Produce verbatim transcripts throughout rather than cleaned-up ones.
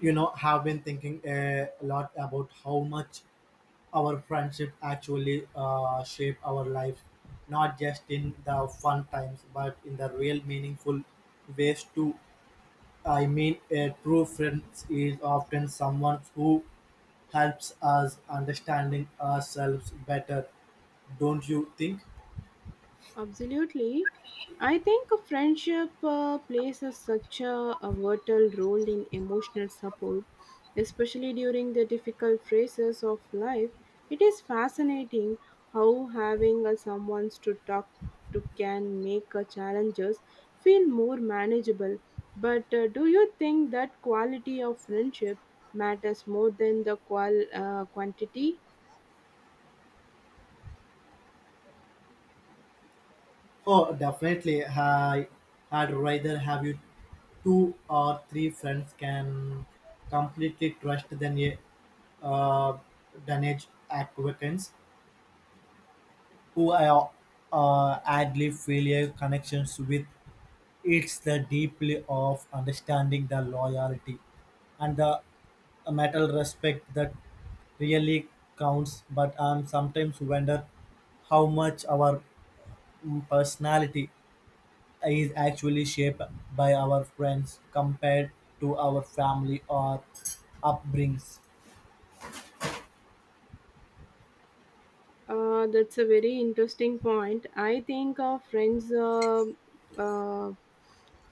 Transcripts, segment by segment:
You know, have been thinking uh, a lot about how much our friendship actually uh, shape our lives, not just in the fun times, but in the real meaningful ways too. I mean, a true friend is often someone who helps us understanding ourselves better, don't you think? Absolutely. I think a friendship uh, plays a, such a, a vital role in emotional support, especially during the difficult phases of life. It is fascinating how having a someone to talk to can make uh, challenges feel more manageable. But uh, do you think that quality of friendship matters more than the qual- uh, quantity? Oh, definitely. I, I'd rather have you two or three friends can completely trust than a uh, damage acquaintance who I uh, idly feel a connections with. It's the deeply of understanding the loyalty and the metal respect that really counts. But I am sometimes wonder how much our mm, personality is actually shaped by our friends compared to our family or upbringings. Uh, that's a very interesting point. I think our friends, uh, uh,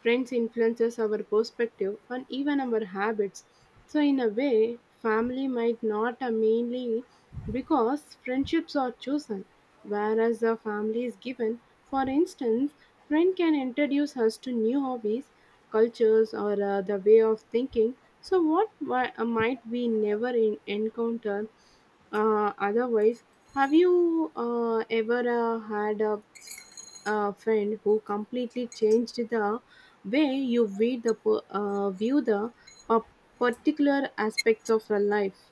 friends influences our perspective and even our habits. So in a way, family might not uh, mainly because friendships are chosen, whereas the family is given. For instance, friend can introduce us to new hobbies, cultures, or uh, the way of thinking. So what mi- uh, might we never in- encounter uh, otherwise. Have you uh, ever uh, had a, a friend who completely changed the way you view the per- uh, view the pa- particular aspects of your life?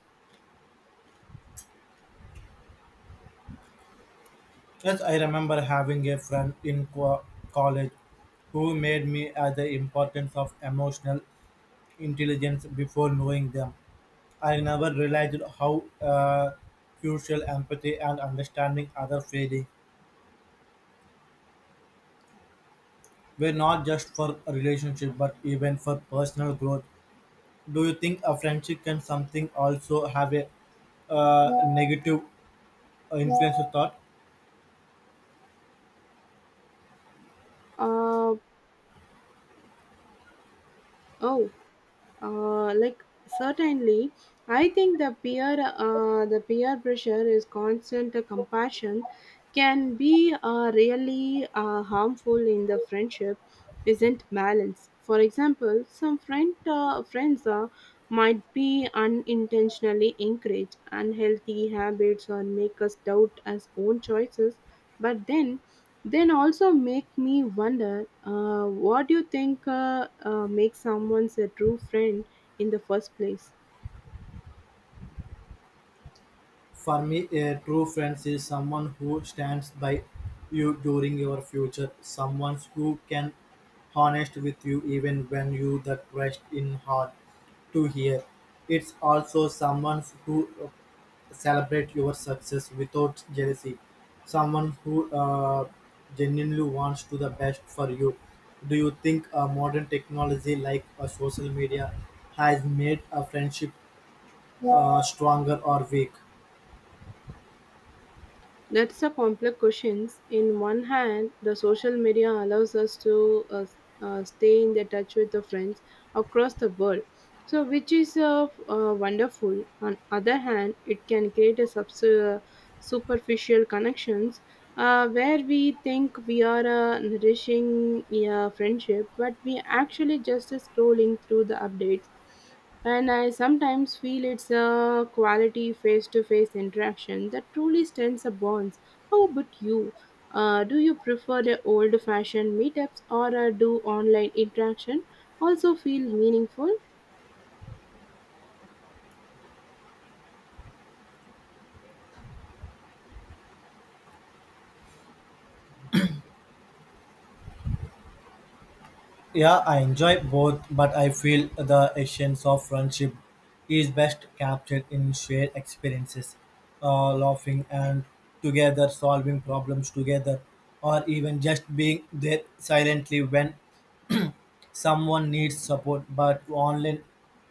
Yes, I remember having a friend in co- college who made me as the importance of emotional intelligence before knowing them. I never realized how uh, crucial empathy and understanding other feeling were not just for a relationship but even for personal growth. Do you think a friendship can something also have a uh, negative influential thought. Uh, oh, Uh, like certainly, I think the peer uh, the peer pressure is constant. uh, Compassion can be uh, really uh, harmful in the friendship. Isn't balanced. For example, some friend uh, friends uh, might be unintentionally encourage unhealthy habits or make us doubt our own choices. But then then also make me wonder, uh, what do you think uh, uh, makes someone a true friend in the first place? For me, a true friend is someone who stands by you during your future, someone who can honest with you even when you that rest in hard to hear. It's also someone who uh, celebrate your success without jealousy, someone who uh, genuinely wants to the best for you. Do you think uh, modern technology like uh, social media has made a friendship uh, stronger or weak? That's a complex question. In one hand, the social media allows us to uh, uh, stay in the touch with the friends across the world. So, which is uh, uh, wonderful. On other hand, it can create a subs- uh, superficial connections uh, where we think we are uh, nourishing a friendship, but we actually just scrolling through the updates. And I sometimes feel it's a quality face to face interaction that truly strengthens the bonds. How about you? Uh, do you prefer the old fashioned meetups or uh, do online interaction also feel meaningful? Yeah, I enjoy both, but I feel the essence of friendship is best captured in shared experiences, uh, laughing and together, solving problems together, or even just being there silently when someone needs support. But online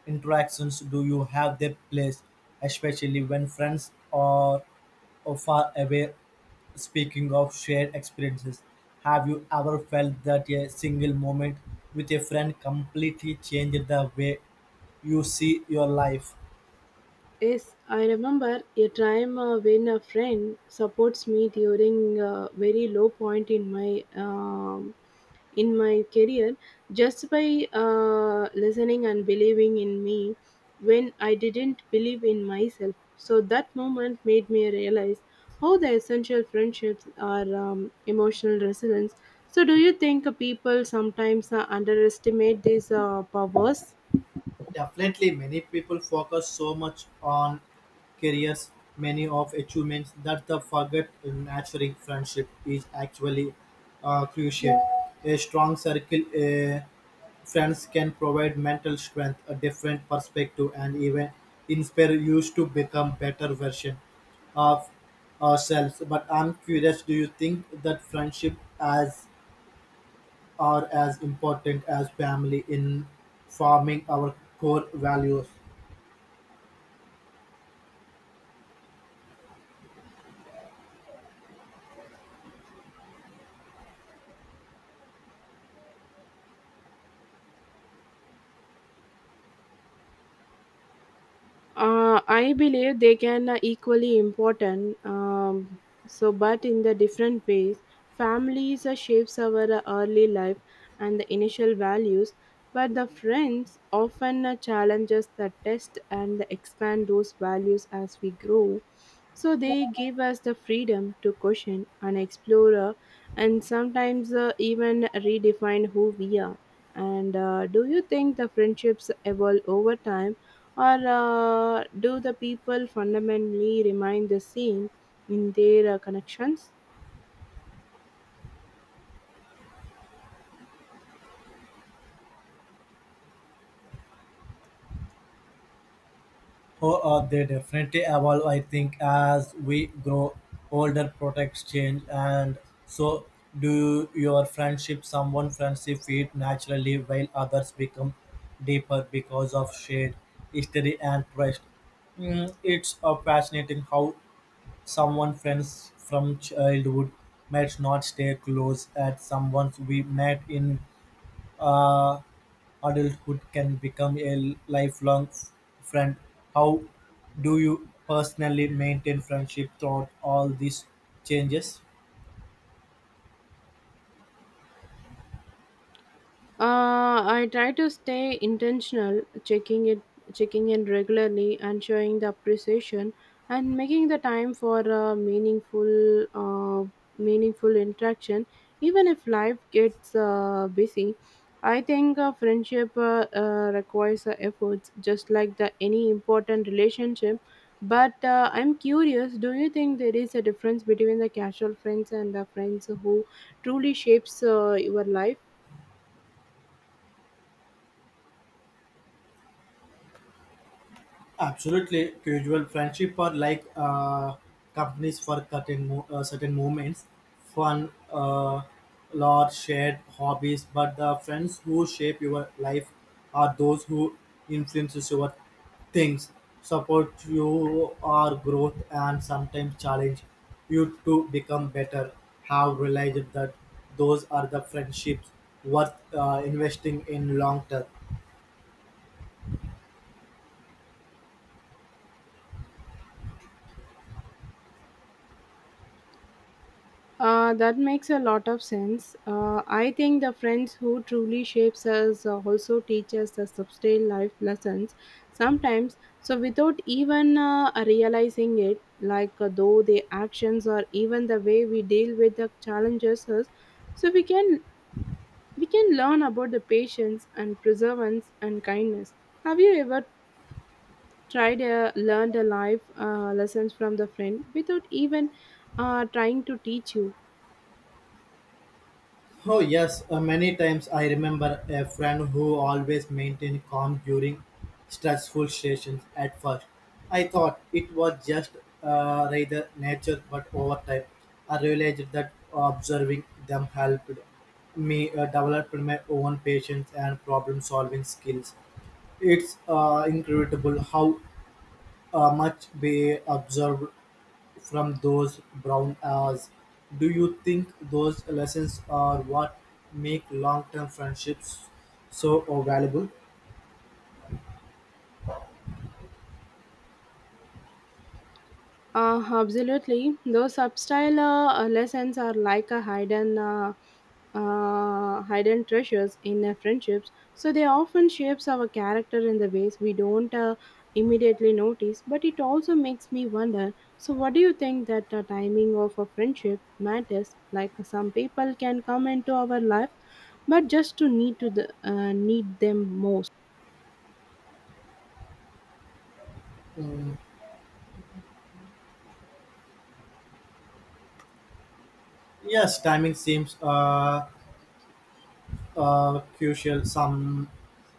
interactions do you have their place, especially when friends are or far away. Speaking of shared experiences, have you ever felt that a single moment with a friend completely changed the way you see your life? Yes, I remember a time uh, when a friend supports me during a very low point in my um, in my career just by uh, listening and believing in me when I didn't believe in myself. So that moment made me realize how the essential friendships are um, emotional resilience. So, do you think uh, people sometimes uh, underestimate these uh, powers? Definitely, many people focus so much on careers, many of achievements that they forget nurturing friendship is actually uh, crucial. A strong circle. A Friends can provide mental strength, a different perspective, and even inspire us to become better version of ourselves. But I'm curious, do you think that friendship as are as important as family in forming our core values? Uh, I believe they can uh, equally important. Um, so, but in the different ways, families uh, shapes our uh, early life and the initial values. But the friends often uh, challenges the test and expand those values as we grow. So they give us the freedom to question and explore, uh, and sometimes uh, even redefine who we are. And uh, do you think the friendships evolve over time? Or uh, do the people fundamentally remain the same in their uh, connections? Oh, uh, they definitely evolve. I think as we grow older, products change, and so do your friendship. Someone friendship fade naturally, while others become deeper because of shared history and trust. Mm, it's uh, fascinating how someone friends from childhood might not stay close at someone we met in uh, adulthood can become a lifelong f- friend. How do you personally maintain friendship throughout all these changes? Uh, I try to stay intentional, checking it, checking in regularly, and showing the appreciation, and making the time for a meaningful, uh, meaningful interaction, even if life gets uh, busy. I think a friendship uh, uh, requires uh, efforts, just like the any important relationship. But uh, I'm curious, do you think there is a difference between the casual friends and the friends who truly shapes uh, your life? Absolutely, casual friendship are like uh, companies for certain mo- uh, certain moments, fun, uh, lot shared hobbies. But the friends who shape your life are those who influences your things, support you our growth, and sometimes challenge you to become better. Have realized that those are the friendships worth uh, investing in long term. Uh, that makes a lot of sense. Uh, I think the friends who truly shapes us uh, also teach us the substantial life lessons sometimes. So without even uh, realizing it, like uh, though the actions or even the way we deal with the challenges us, so we can we can learn about the patience and perseverance and kindness. Have you ever tried uh, learned a life uh, lessons from the friend without even uh, trying to teach you? Oh yes, uh, many times I remember a friend who always maintained calm during stressful situations. At first, I thought it was just uh, rather nature, but over time, I realized that observing them helped me uh, develop my own patience and problem-solving skills. It's uh, incredible how uh, much be observed from those brown hours. Do you think those lessons are what make long term friendships so uh, valuable? Uh, absolutely. Those substyle uh, lessons are like a hidden, uh, uh, hidden treasures in uh, friendships. So they often shapes our character in the ways we don't uh, immediately notice. But it also makes me wonder. So what do you think that the timing of a friendship matters? Like some people can come into our life, but just to need to the uh, need them most. Mm, yes, timing seems uh, uh, crucial. Some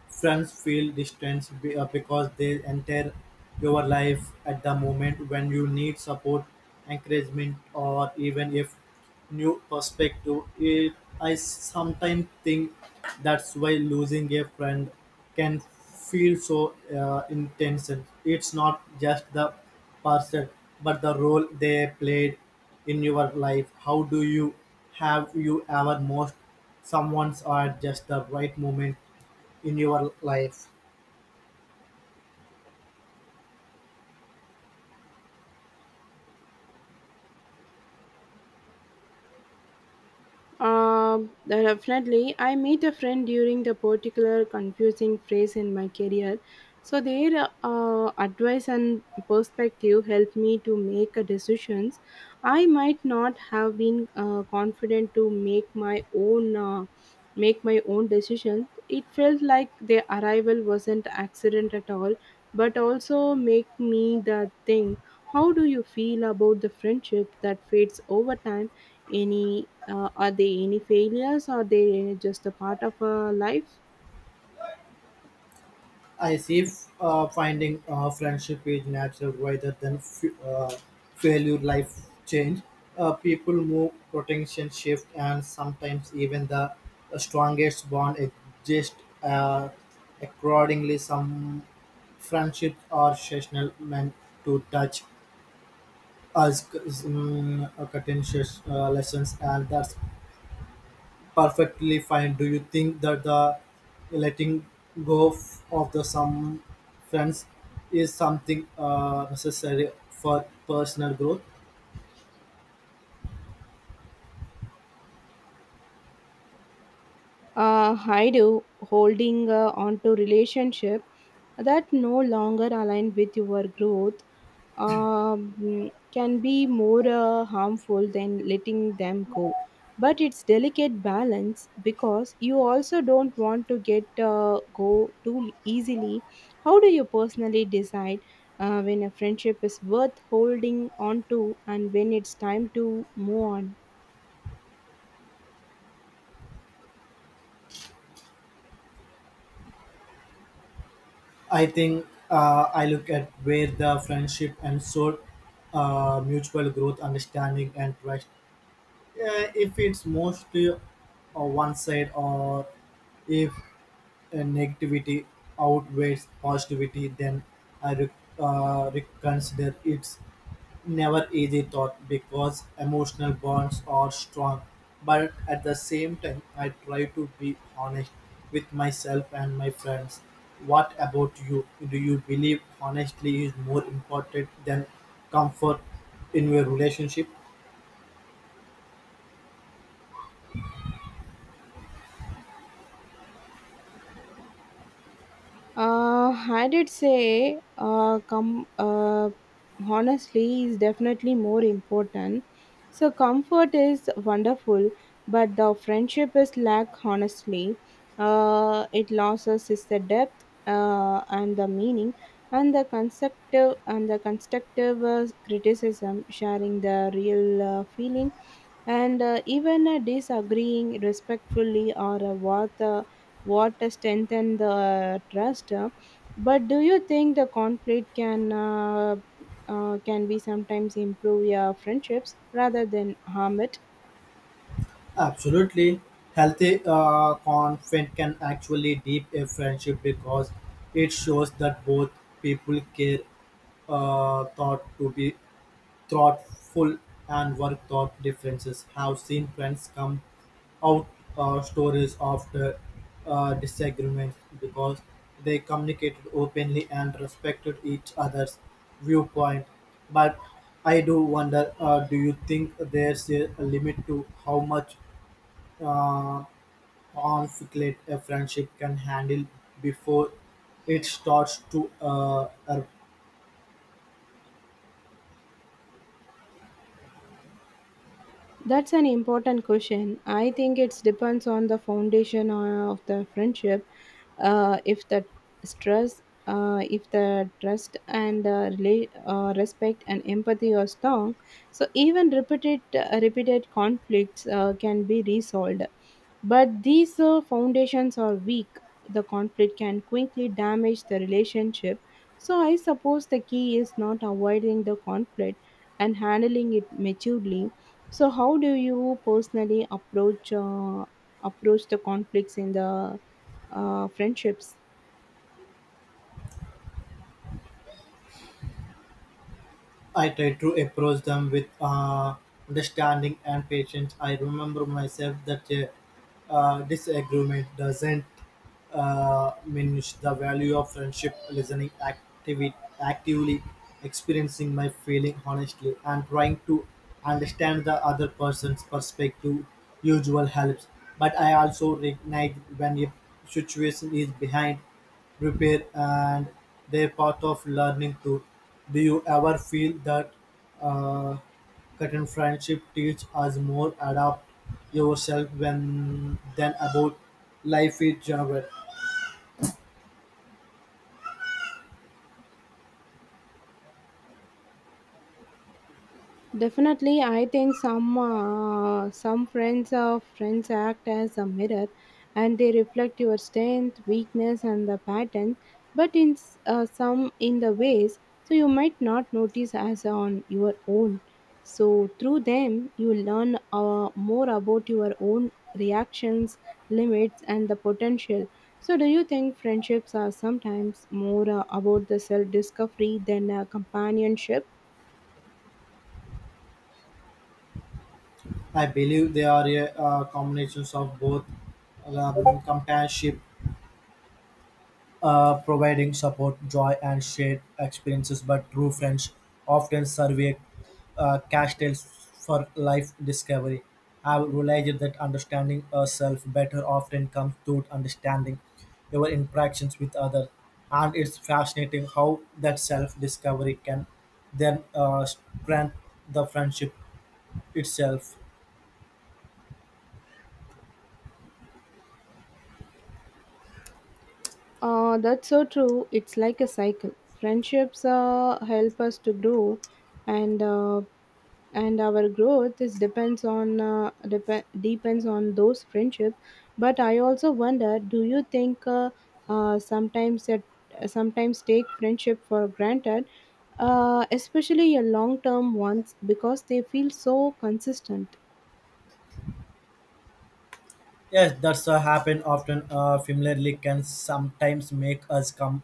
friends feel distant be- uh, because they enter your life at the moment when you need support, encouragement, or even if new perspective. It, I sometimes think that's why losing a friend can feel so uh, intense. It's not just the person, but the role they played in your life. How do you have you ever most someone's are just the right moment in your life. Um, uh, Definitely. I meet a friend during the particular confusing phase in my career. So their uh, advice and perspective helped me to make a decisions. I might not have been uh, confident to make my own uh, make my own decisions. It felt like their arrival wasn't accident at all, but also make me the think. How do you feel about the friendship that fades over time? Any uh, are they any failures or they just a part of a life? I see f- uh, finding uh, friendship is natural rather than f- uh, failure life change. Uh, people move, protection shift, and sometimes even the strongest bond exist uh, accordingly. Some friendships are seasonal meant to touch us mm, contentious uh, lessons, and that's perfectly fine. Do you think that the letting go f- of the some friends is something uh, necessary for personal growth? Uh, I do holding uh, on to relationship that no longer align with your growth um, can be more uh, harmful than letting them go. But it's delicate balance because you also don't want to get uh, go too easily. How do you personally decide uh, when a friendship is worth holding on to and when it's time to move on? I think uh, I look at where the friendship and so uh, mutual growth, understanding, and trust. Uh, if it's mostly on one side, or if uh, negativity outweighs positivity, then I re- uh, reconsider it. Never easy thought, because emotional bonds are strong, but at the same time, I try to be honest with myself and my friends. What about you? Do you believe honestly is more important than comfort in your relationship? Uh, I did say, uh, com- uh, honestly, is definitely more important. So, comfort is wonderful, but the friendship is lack, honestly. Uh, it loses is the depth uh, and the meaning and the constructive and the constructive uh, criticism sharing the real uh, feeling and uh, even uh, disagreeing respectfully or uh, worth uh, what strengthen the trust. uh, But do you think the conflict can uh, uh, can be sometimes improve your friendships rather than harm it? Absolutely. Healthy uh, conflict can actually deep a friendship because it shows that both people care, uh, thought to be thoughtful and work thought differences. Have seen friends come out uh, stories after uh, disagreements because they communicated openly and respected each other's viewpoint. But I do wonder, uh, do you think there's a limit to how much uh, conflict a friendship can handle before it starts to uh, That's an important question. I think it depends on the foundation uh, of the friendship. Uh, if the stress, uh, if the trust and uh, rela- uh, respect and empathy are strong, so even repeated uh, repeated conflicts uh, can be resolved. But these uh, foundations are weak. The conflict can quickly damage the relationship. So I suppose the key is not avoiding the conflict and handling it maturely. So, how do you personally approach uh, approach the conflicts in the uh, friendships? I try to approach them with uh, understanding and patience. I remember myself that a uh, disagreement doesn't uh, diminish the value of friendship, listening actively, actively experiencing my feeling honestly, and trying to understand the other person's perspective usual helps. But I also recognize when a situation is behind repair and they're part of learning too. Do you ever feel that uh, cutting friendship teach us more adapt yourself when than about life in general? Definitely, I think some uh, some friends of friends act as a mirror, and they reflect your strength, weakness, and the pattern. But in s- uh, some in the ways, so you might not notice as on your own. So through them, you learn uh, more about your own reactions, limits, and the potential. So, do you think friendships are sometimes more uh, about the self discovery than uh, companionship? I believe they are a uh, combinations of both um, companionship uh, providing support, joy, and shared experiences. But true friends often serve a uh, castles for life discovery. I've realized that understanding ourselves better often comes through understanding your interactions with others, and it's fascinating how that self-discovery can then uh, strengthen the friendship itself. Uh, that's so true. It's like a cycle. Friendships uh, help us to grow, and uh, and our growth is depends on uh, dep- depends on those friendships. But I also wonder, do you think uh, uh, sometimes that sometimes take friendship for granted, uh, especially your long term ones, because they feel so consistent? Yes, that's uh, happen often. Uh, familiarly can sometimes make us com-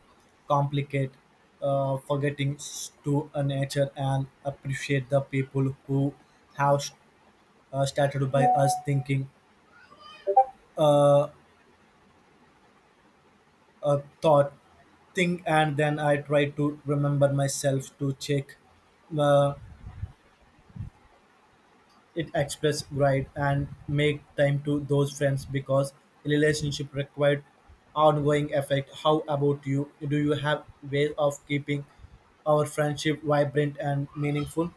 complicate, uh, forgetting s- to uh, nature and appreciate the people who have s- uh, started by us thinking uh, a thought thing, and then I try to remember myself to check. Uh, It express pride and make time to those friends because relationship required ongoing effect. How about you? Do you have ways of keeping our friendship vibrant and meaningful?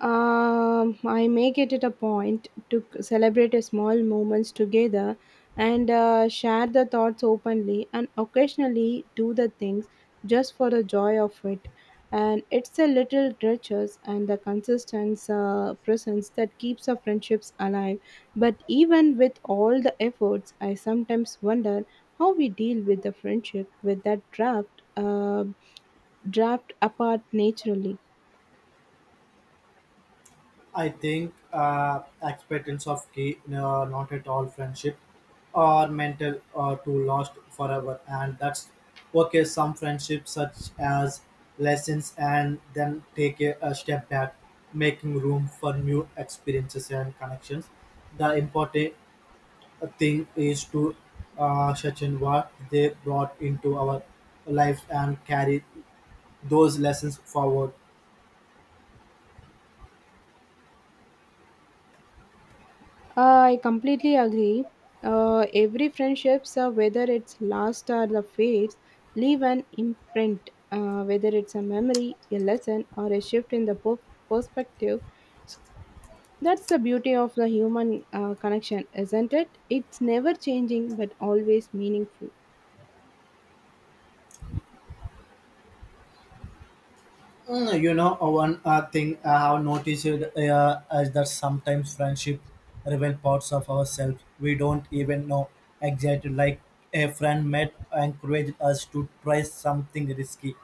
Um, I make it at a point to c- celebrate a small moments together and uh, share the thoughts openly and occasionally do the things just for the joy of it. And it's a little gestures and the consistent uh, presence that keeps our friendships alive. But even with all the efforts, I sometimes wonder how we deal with the friendship with that draft, uh, draft apart naturally. I think uh, acceptance of key, no, not at all friendship, are mental uh, to lost forever, and that's okay. Some friendships, such as lessons, and then take a, a step back, making room for new experiences and connections. The important thing is to uh, in what they brought into our lives and carry those lessons forward. Uh, I completely agree. Uh, every friendships, uh, whether it's last or the fades, leave an imprint. Uh, whether it's a memory, a lesson, or a shift in the per- perspective, so that's the beauty of the human uh, connection, isn't it? It's never changing, but always meaningful. Mm, you know, uh, one uh, thing I have noticed uh, is that sometimes friendship reveal parts of ourselves we don't even know exactly. Like a friend might encourage us to try something risky,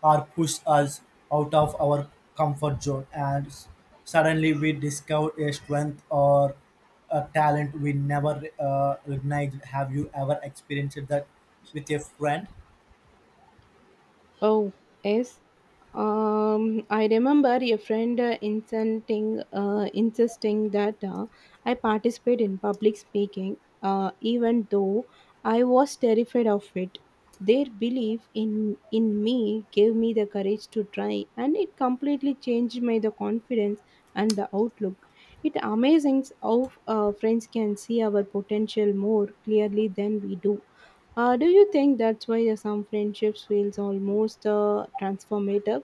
or push us out of our comfort zone, and s- suddenly we discover a strength or a talent we never uh, recognized. Have you ever experienced that with a friend? Oh, yes. Um, I remember a friend uh, insisting, uh, insisting that uh, I participate in public speaking, uh, even though I was terrified of it. Their belief in in me gave me the courage to try, and it completely changed my the confidence and the outlook. It amazing how uh, friends can see our potential more clearly than we do. Uh, do you think that's why some friendships feels almost uh, transformative?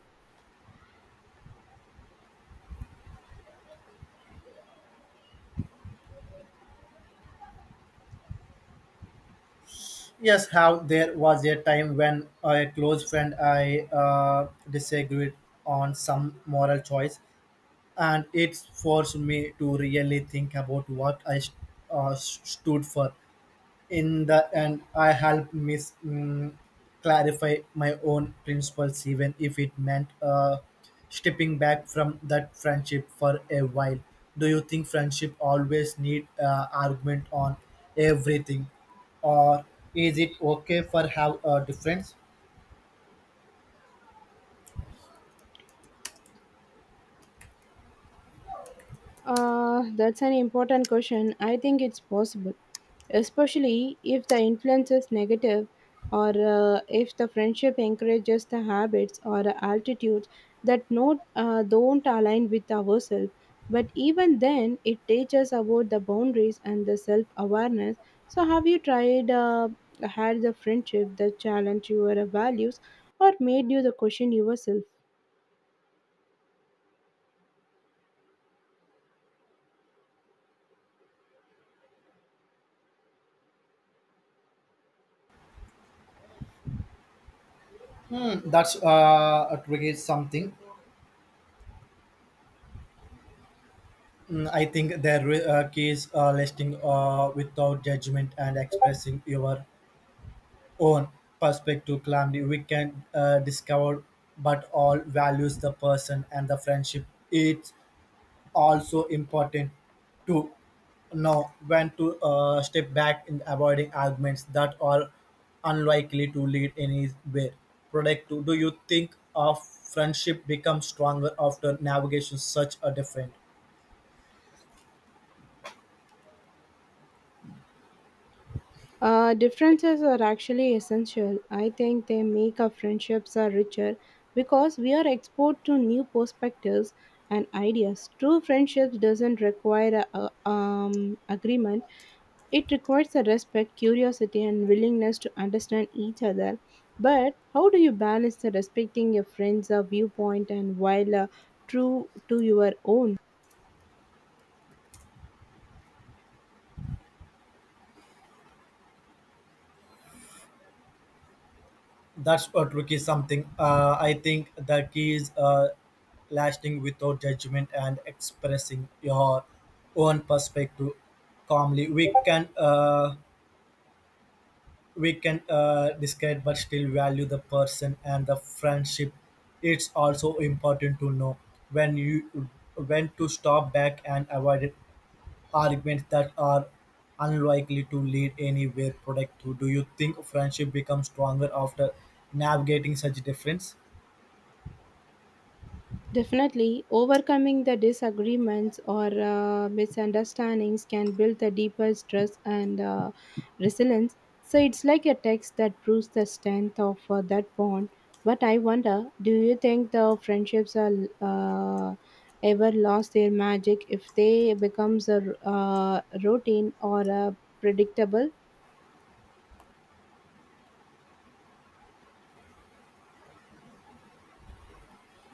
Yes, how there was a time when a close friend I uh, disagreed on some moral choice, and it forced me to really think about what I st- uh, s- stood for. In the end, I helped Miss mm, clarify my own principles, even if it meant uh, stepping back from that friendship for a while. Do you think friendship always need uh, argument on everything, or is it okay for have a difference? Uh, that's an important question. I think it's possible, especially if the influence is negative or uh, if the friendship encourages the habits or attitudes that not, uh, don't align with ourselves. But even then, it teaches about the boundaries and the self awareness. So, have you tried, uh, had the friendship that challenged your values or made you the question yourself? Hmm, that's uh, a tricky something. Mm, I think there are uh, keys uh, listing uh, without judgment and expressing your own perspective calmly. We can uh, discover but all values the person and the friendship. It's also important to know when to uh, step back in avoiding arguments that are unlikely to lead anywhere productive. Do you think a friendship becomes stronger after navigation such a different? Uh, differences are actually essential. I think they make our friendships are richer because we are exposed to new perspectives and ideas. True friendships doesn't require a, a- um, agreement. It requires a respect, curiosity, and willingness to understand each other. But how do you balance the respecting your friends' uh, viewpoint and while uh, true to your own? That's a tricky something. Uh, I think the key is uh, lasting without judgment and expressing your own perspective calmly. We can uh, we can uh, discard but still value the person and the friendship. It's also important to know when you when to stop back and avoid arguments that are unlikely to lead anywhere productive. Do you think friendship becomes stronger after navigating such difference? Definitely, overcoming the disagreements or uh, misunderstandings can build the deepest trust and uh, resilience. So it's like a text that proves the strength of uh, that bond. But I wonder, do you think the friendships are uh, ever lost their magic if they becomes a r- uh, routine or uh, predictable?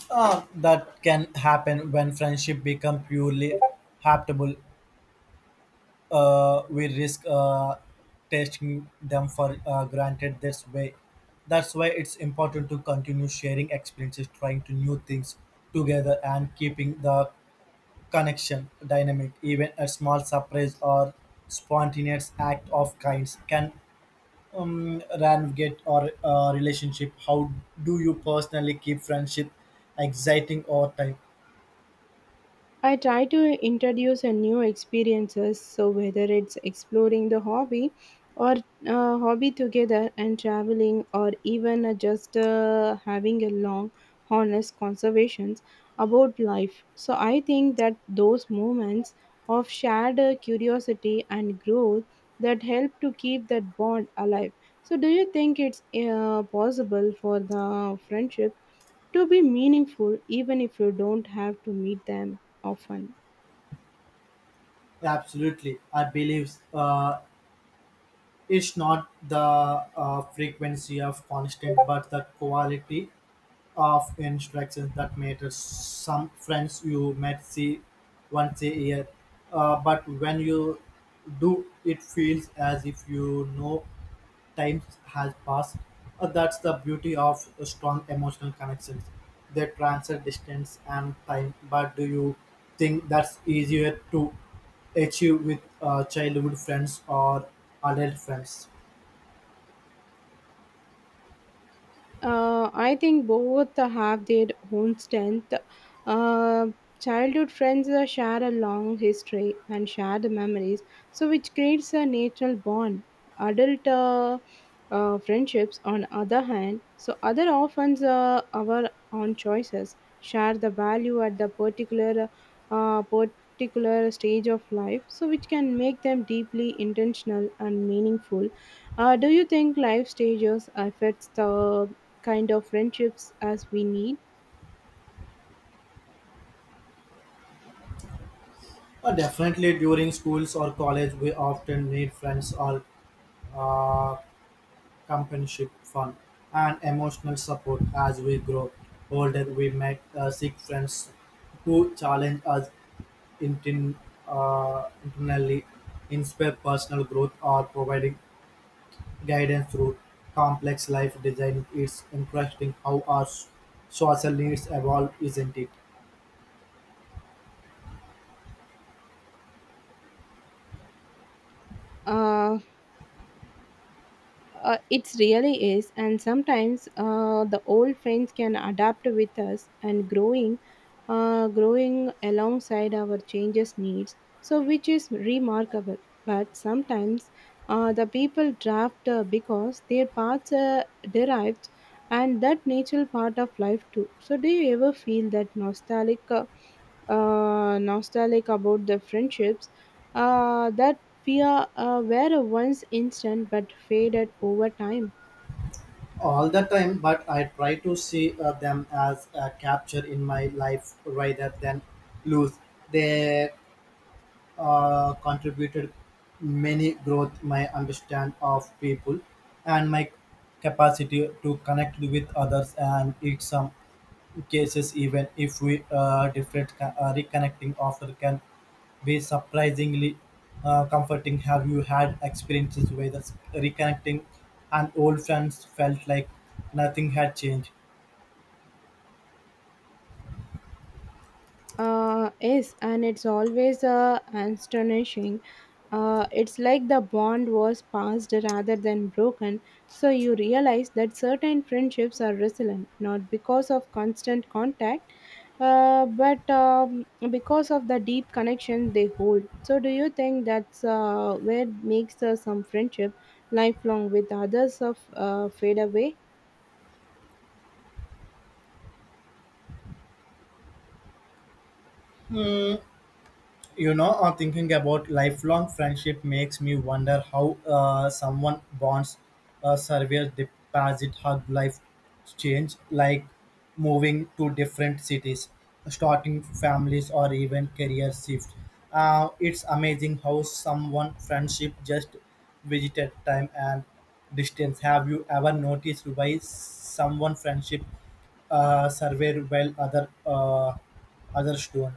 Uh, that can happen when friendship become purely habitable. Uh, we risk uh, taking them for uh, granted this way. That's why it's important to continue sharing experiences, trying to new things together, and keeping the connection dynamic. Even a small surprise or spontaneous act of kinds can um, navigate our uh, relationship. How do you personally keep friendship exciting over time? I try to introduce a new experiences, so whether it's exploring the hobby or uh, hobby together and traveling or even uh, just uh, having a long honest conversations about life. So I think that those moments of shared uh, curiosity and growth that help to keep that bond alive. So do you think it's uh, possible for the friendship to be meaningful even if you don't have to meet them often? Absolutely, I believe uh, it's not the uh, frequency of constant, but the quality of instructions that matters. Some friends you might see once a year, uh, but when you do, it feels as if you know time has passed. Uh, that's the beauty of strong emotional connections. They transcend distance and time. But do you think that's easier to achieve with uh, childhood friends or adult friends? Uh, I think both have their own strength. Uh, Childhood friends uh, share a long history and share the memories, so which creates a natural bond. Adult uh, uh, friendships, on other hand, so other often uh, our own choices share the value at the particular uh, particular stage of life, so which can make them deeply intentional and meaningful. Uh, do you think life stages affects the kind of friendships as we need? Uh, definitely during schools or college, we often need friends or uh, companionship, fun, and emotional support as we grow older. We make uh, seek friends who challenge us intin- uh, internally inspire personal growth or providing guidance through complex life design. It's interesting how our s- social needs evolve, isn't it? Uh, uh, it really is, and sometimes uh, the old friends can adapt with us and growing, uh, growing alongside our changes needs. So, which is remarkable. But sometimes uh, the people draft uh, because their paths are derived, and that natural part of life too. So, do you ever feel that nostalgic? Uh, uh, nostalgic about the friendships uh, that we are uh, were once instant but faded over time. All the time, but I try to see uh, them as a capture in my life rather than lose. They uh, contributed many growth, my understand of people, and my capacity to connect with others and it's some cases, even if we uh, different co- uh, reconnecting offer can be surprisingly uh, comforting. Have you had experiences where the reconnecting and old friends felt like nothing had changed? Uh, yes, and it's always uh, astonishing. Uh, it's like the bond was passed rather than broken, so you realize that certain friendships are resilient not because of constant contact, uh, but um, because of the deep connection they hold. So, do you think that's uh, where makes uh, some friendship lifelong with others of uh, fade away? You know, uh, thinking about lifelong friendship makes me wonder how uh, someone bonds uh, survives deposit hug life change like moving to different cities, starting families, or even career shift. Uh, it's amazing how someone friendship just visited time and distance. Have you ever noticed why someone friendship uh, survive while other uh, others don't?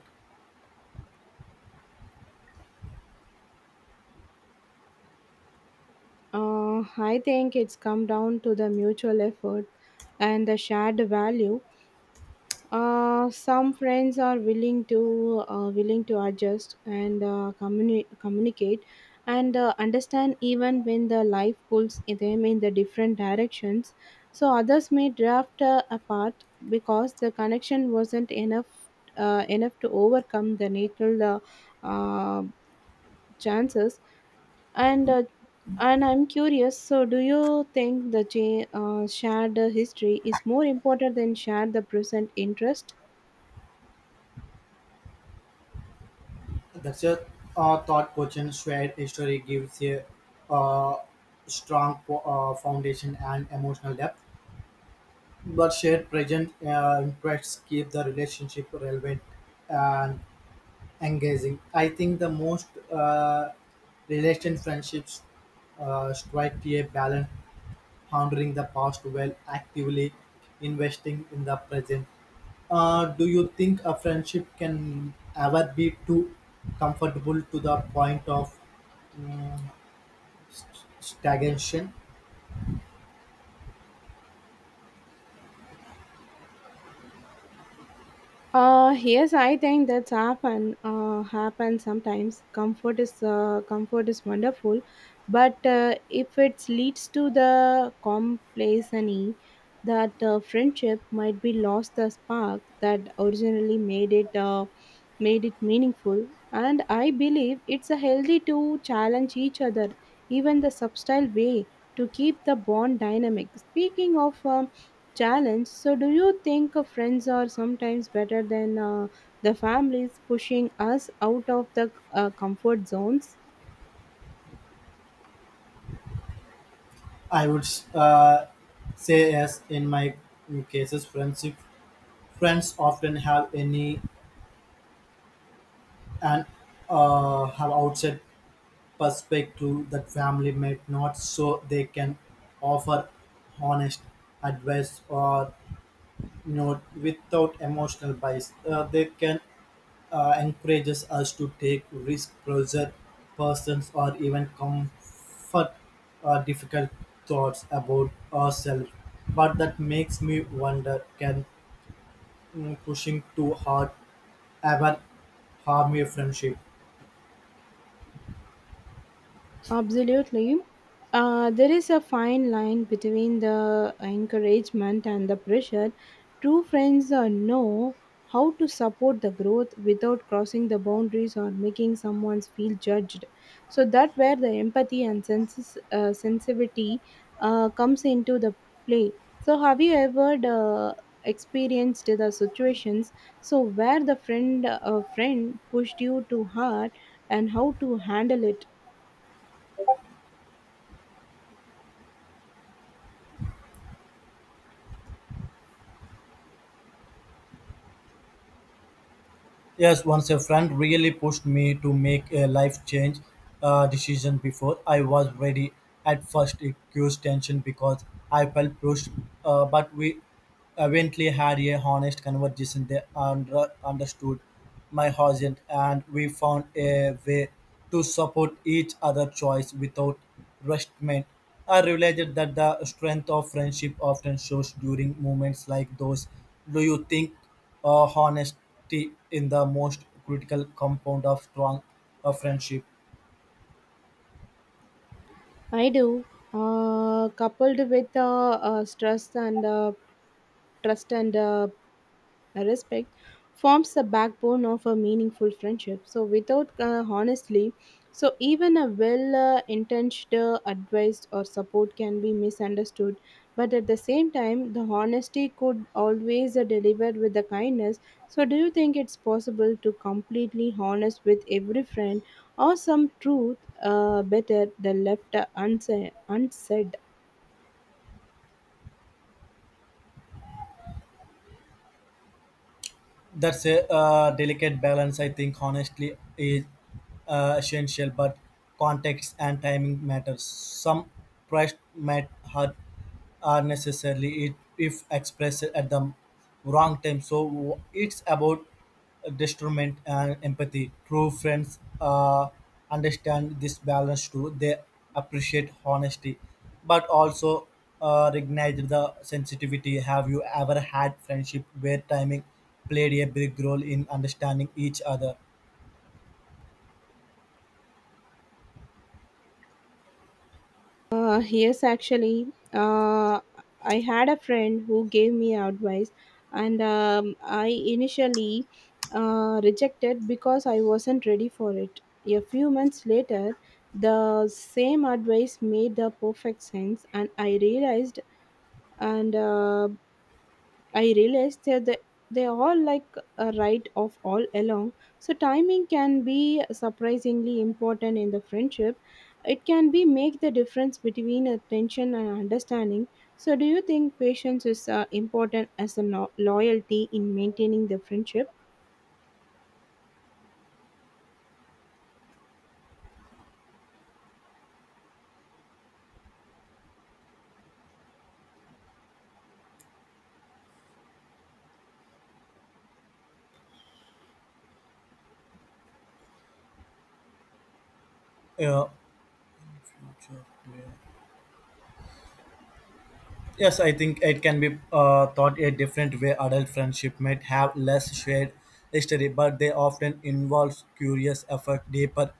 Uh, I think it's come down to the mutual effort and the shared value. Uh, some friends are willing to uh, willing to adjust and uh, communi- communicate and uh, understand even when the life pulls them in the different directions. So others may drift uh, apart because the connection wasn't enough uh, enough to overcome the natural uh, uh, chances and uh, and I'm curious, so do you think the cha- uh, shared uh, history is more important than shared the present interest? The a uh, thought Cochin's shared history gives a uh, strong fo- uh, foundation and emotional depth, but shared present uh, interests keep the relationship relevant and engaging. I think the most uh, relation friendships uh, strike a balance, honoring the past while actively investing in the present. Uh, do you think a friendship can ever be too comfortable to the point of um, st- stagnation? Uh, yes, I think that's happen uh, happen sometimes. Comfort is uh, comfort is wonderful, but uh, if it leads to the complacency, that uh, friendship might be lost the spark that originally made it uh, made it meaningful. And I believe it's a healthy to challenge each other, even the subtle way, to keep the bond dynamic. Speaking of. Um challenge, so do you think uh, friends are sometimes better than uh, the families pushing us out of the uh, comfort zones? I would uh, say yes. In my cases, friendship friends often have any and uh, have outside perspective that family might not, so they can offer honest advice or, you know, without emotional bias. Uh, they can uh, encourages us to take risk, pressure persons, or even comfort uh, difficult thoughts about ourselves. But that makes me wonder: can mm, pushing too hard ever harm a friendship? Absolutely. Uh, there is a fine line between the encouragement and the pressure. True friends uh, know how to support the growth without crossing the boundaries or making someone feel judged. So that where the empathy and senses, uh, sensitivity uh, comes into the play. So have you ever uh, experienced the situations so where the friend uh, friend pushed you too hard and how to handle it? Yes, once a friend really pushed me to make a life change uh, decision before I was ready. At first, it caused tension because I felt pushed, uh, but we eventually had a honest conversation. They under- understood my husband, and we found a way to support each other' choice without Rushtman. I realized that the strength of friendship often shows during moments like those. Do you think uh, honesty in the most critical compound of strong uh, friendship? I do. Uh, coupled with uh, uh, stress and uh, trust and uh, uh, respect forms the backbone of a meaningful friendship, so without uh, honestly, so even a well uh, intentioned uh, advice or support can be misunderstood, but at the same time the honesty could always uh, deliver with the kindness. So do you think it's possible to completely honest with every friend or some truth uh, better the left uh, unsa- unsaid? That's a uh, delicate balance. I think honestly is uh, essential, but context and timing matters. Some trust might hurt uh, necessarily it, if expressed at the wrong time. So it's about discernment and empathy. True friends uh, understand this balance too. They appreciate honesty, but also uh, recognize the sensitivity. Have you ever had friendship where timing played a big role in understanding each other? Uh, yes, actually, uh, I had a friend who gave me advice, and um, I initially uh, rejected because I wasn't ready for it. A few months later, the same advice made the perfect sense, and I realized and uh, I realized that they, they all like a right of all along. So timing can be surprisingly important in the friendship. It can be make the difference between attention and understanding. So do you think patience is uh, important as a lo- loyalty in maintaining the friendship? Yeah. Yes, I think it can be uh, thought a different way. Adult friendship might have less shared history, but they often involve curious effort, deeper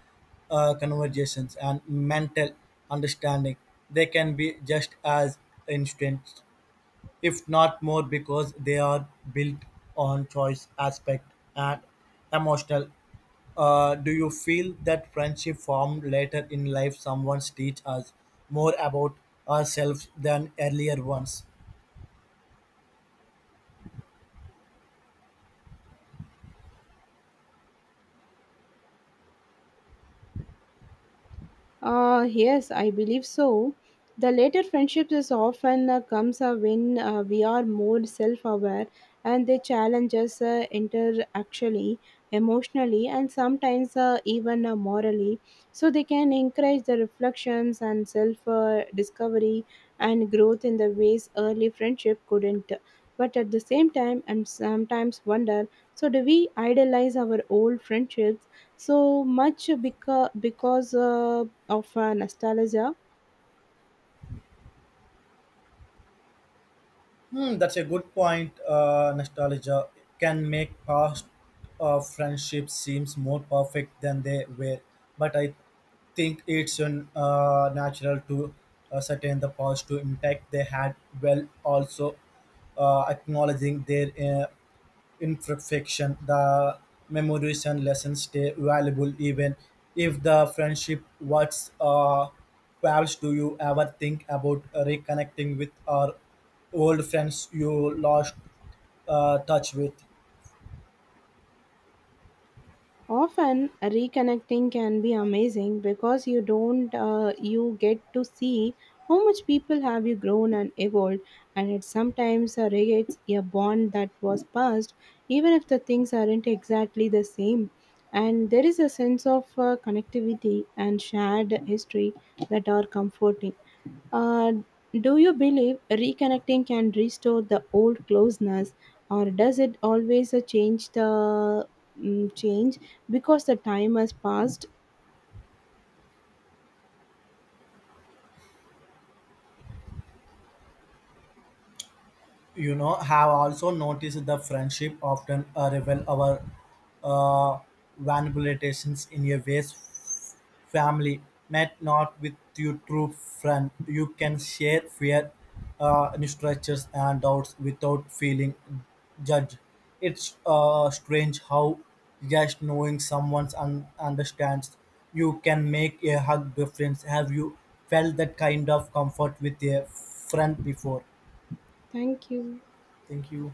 uh, conversations, and mental understanding. They can be just as instant, if not more, because they are built on choice, aspect, and emotional. Uh, do you feel that friendship formed later in life someone teach us more about ourselves than earlier ones? Uh, yes, I believe so. The later friendships is often uh, comes uh, when uh, we are more self-aware, and they challenge us uh, interactually, emotionally, and sometimes uh, even uh, morally. So they can encourage the reflections and self-discovery and growth in the ways early friendship couldn't. But at the same time, I'm sometimes wonder, so do we idolize our old friendships so much because because? Uh, of uh, nostalgia. Hmm, that's a good point. Uh, nostalgia can make past uh, friendships seems more perfect than they were, but I think it's an, uh, natural to ascertain the positive impact they had while also uh, acknowledging their uh, imperfection. The memories and lessons stay valuable even if the friendship what's uh pals. Do you ever think about reconnecting with our old friends you lost uh, touch with? Often reconnecting can be amazing because you don't uh, you get to see how much people have you grown and evolved, and it sometimes uh, regates a bond that was past, even if the things aren't exactly the same, and there is a sense of uh, connectivity and shared history that are comforting. Uh, do you believe reconnecting can restore the old closeness, or does it always uh, change the mm, change because the time has passed? You know, have also noticed the friendship often uh, reveal our uh, vulnerabilities in a ways family met not. With your true friend you can share fear, uh, structures and doubts without feeling judged. It's uh, strange how just knowing someone un- understands you can make a hug difference. Have you felt that kind of comfort with a friend before? Thank you. Thank you.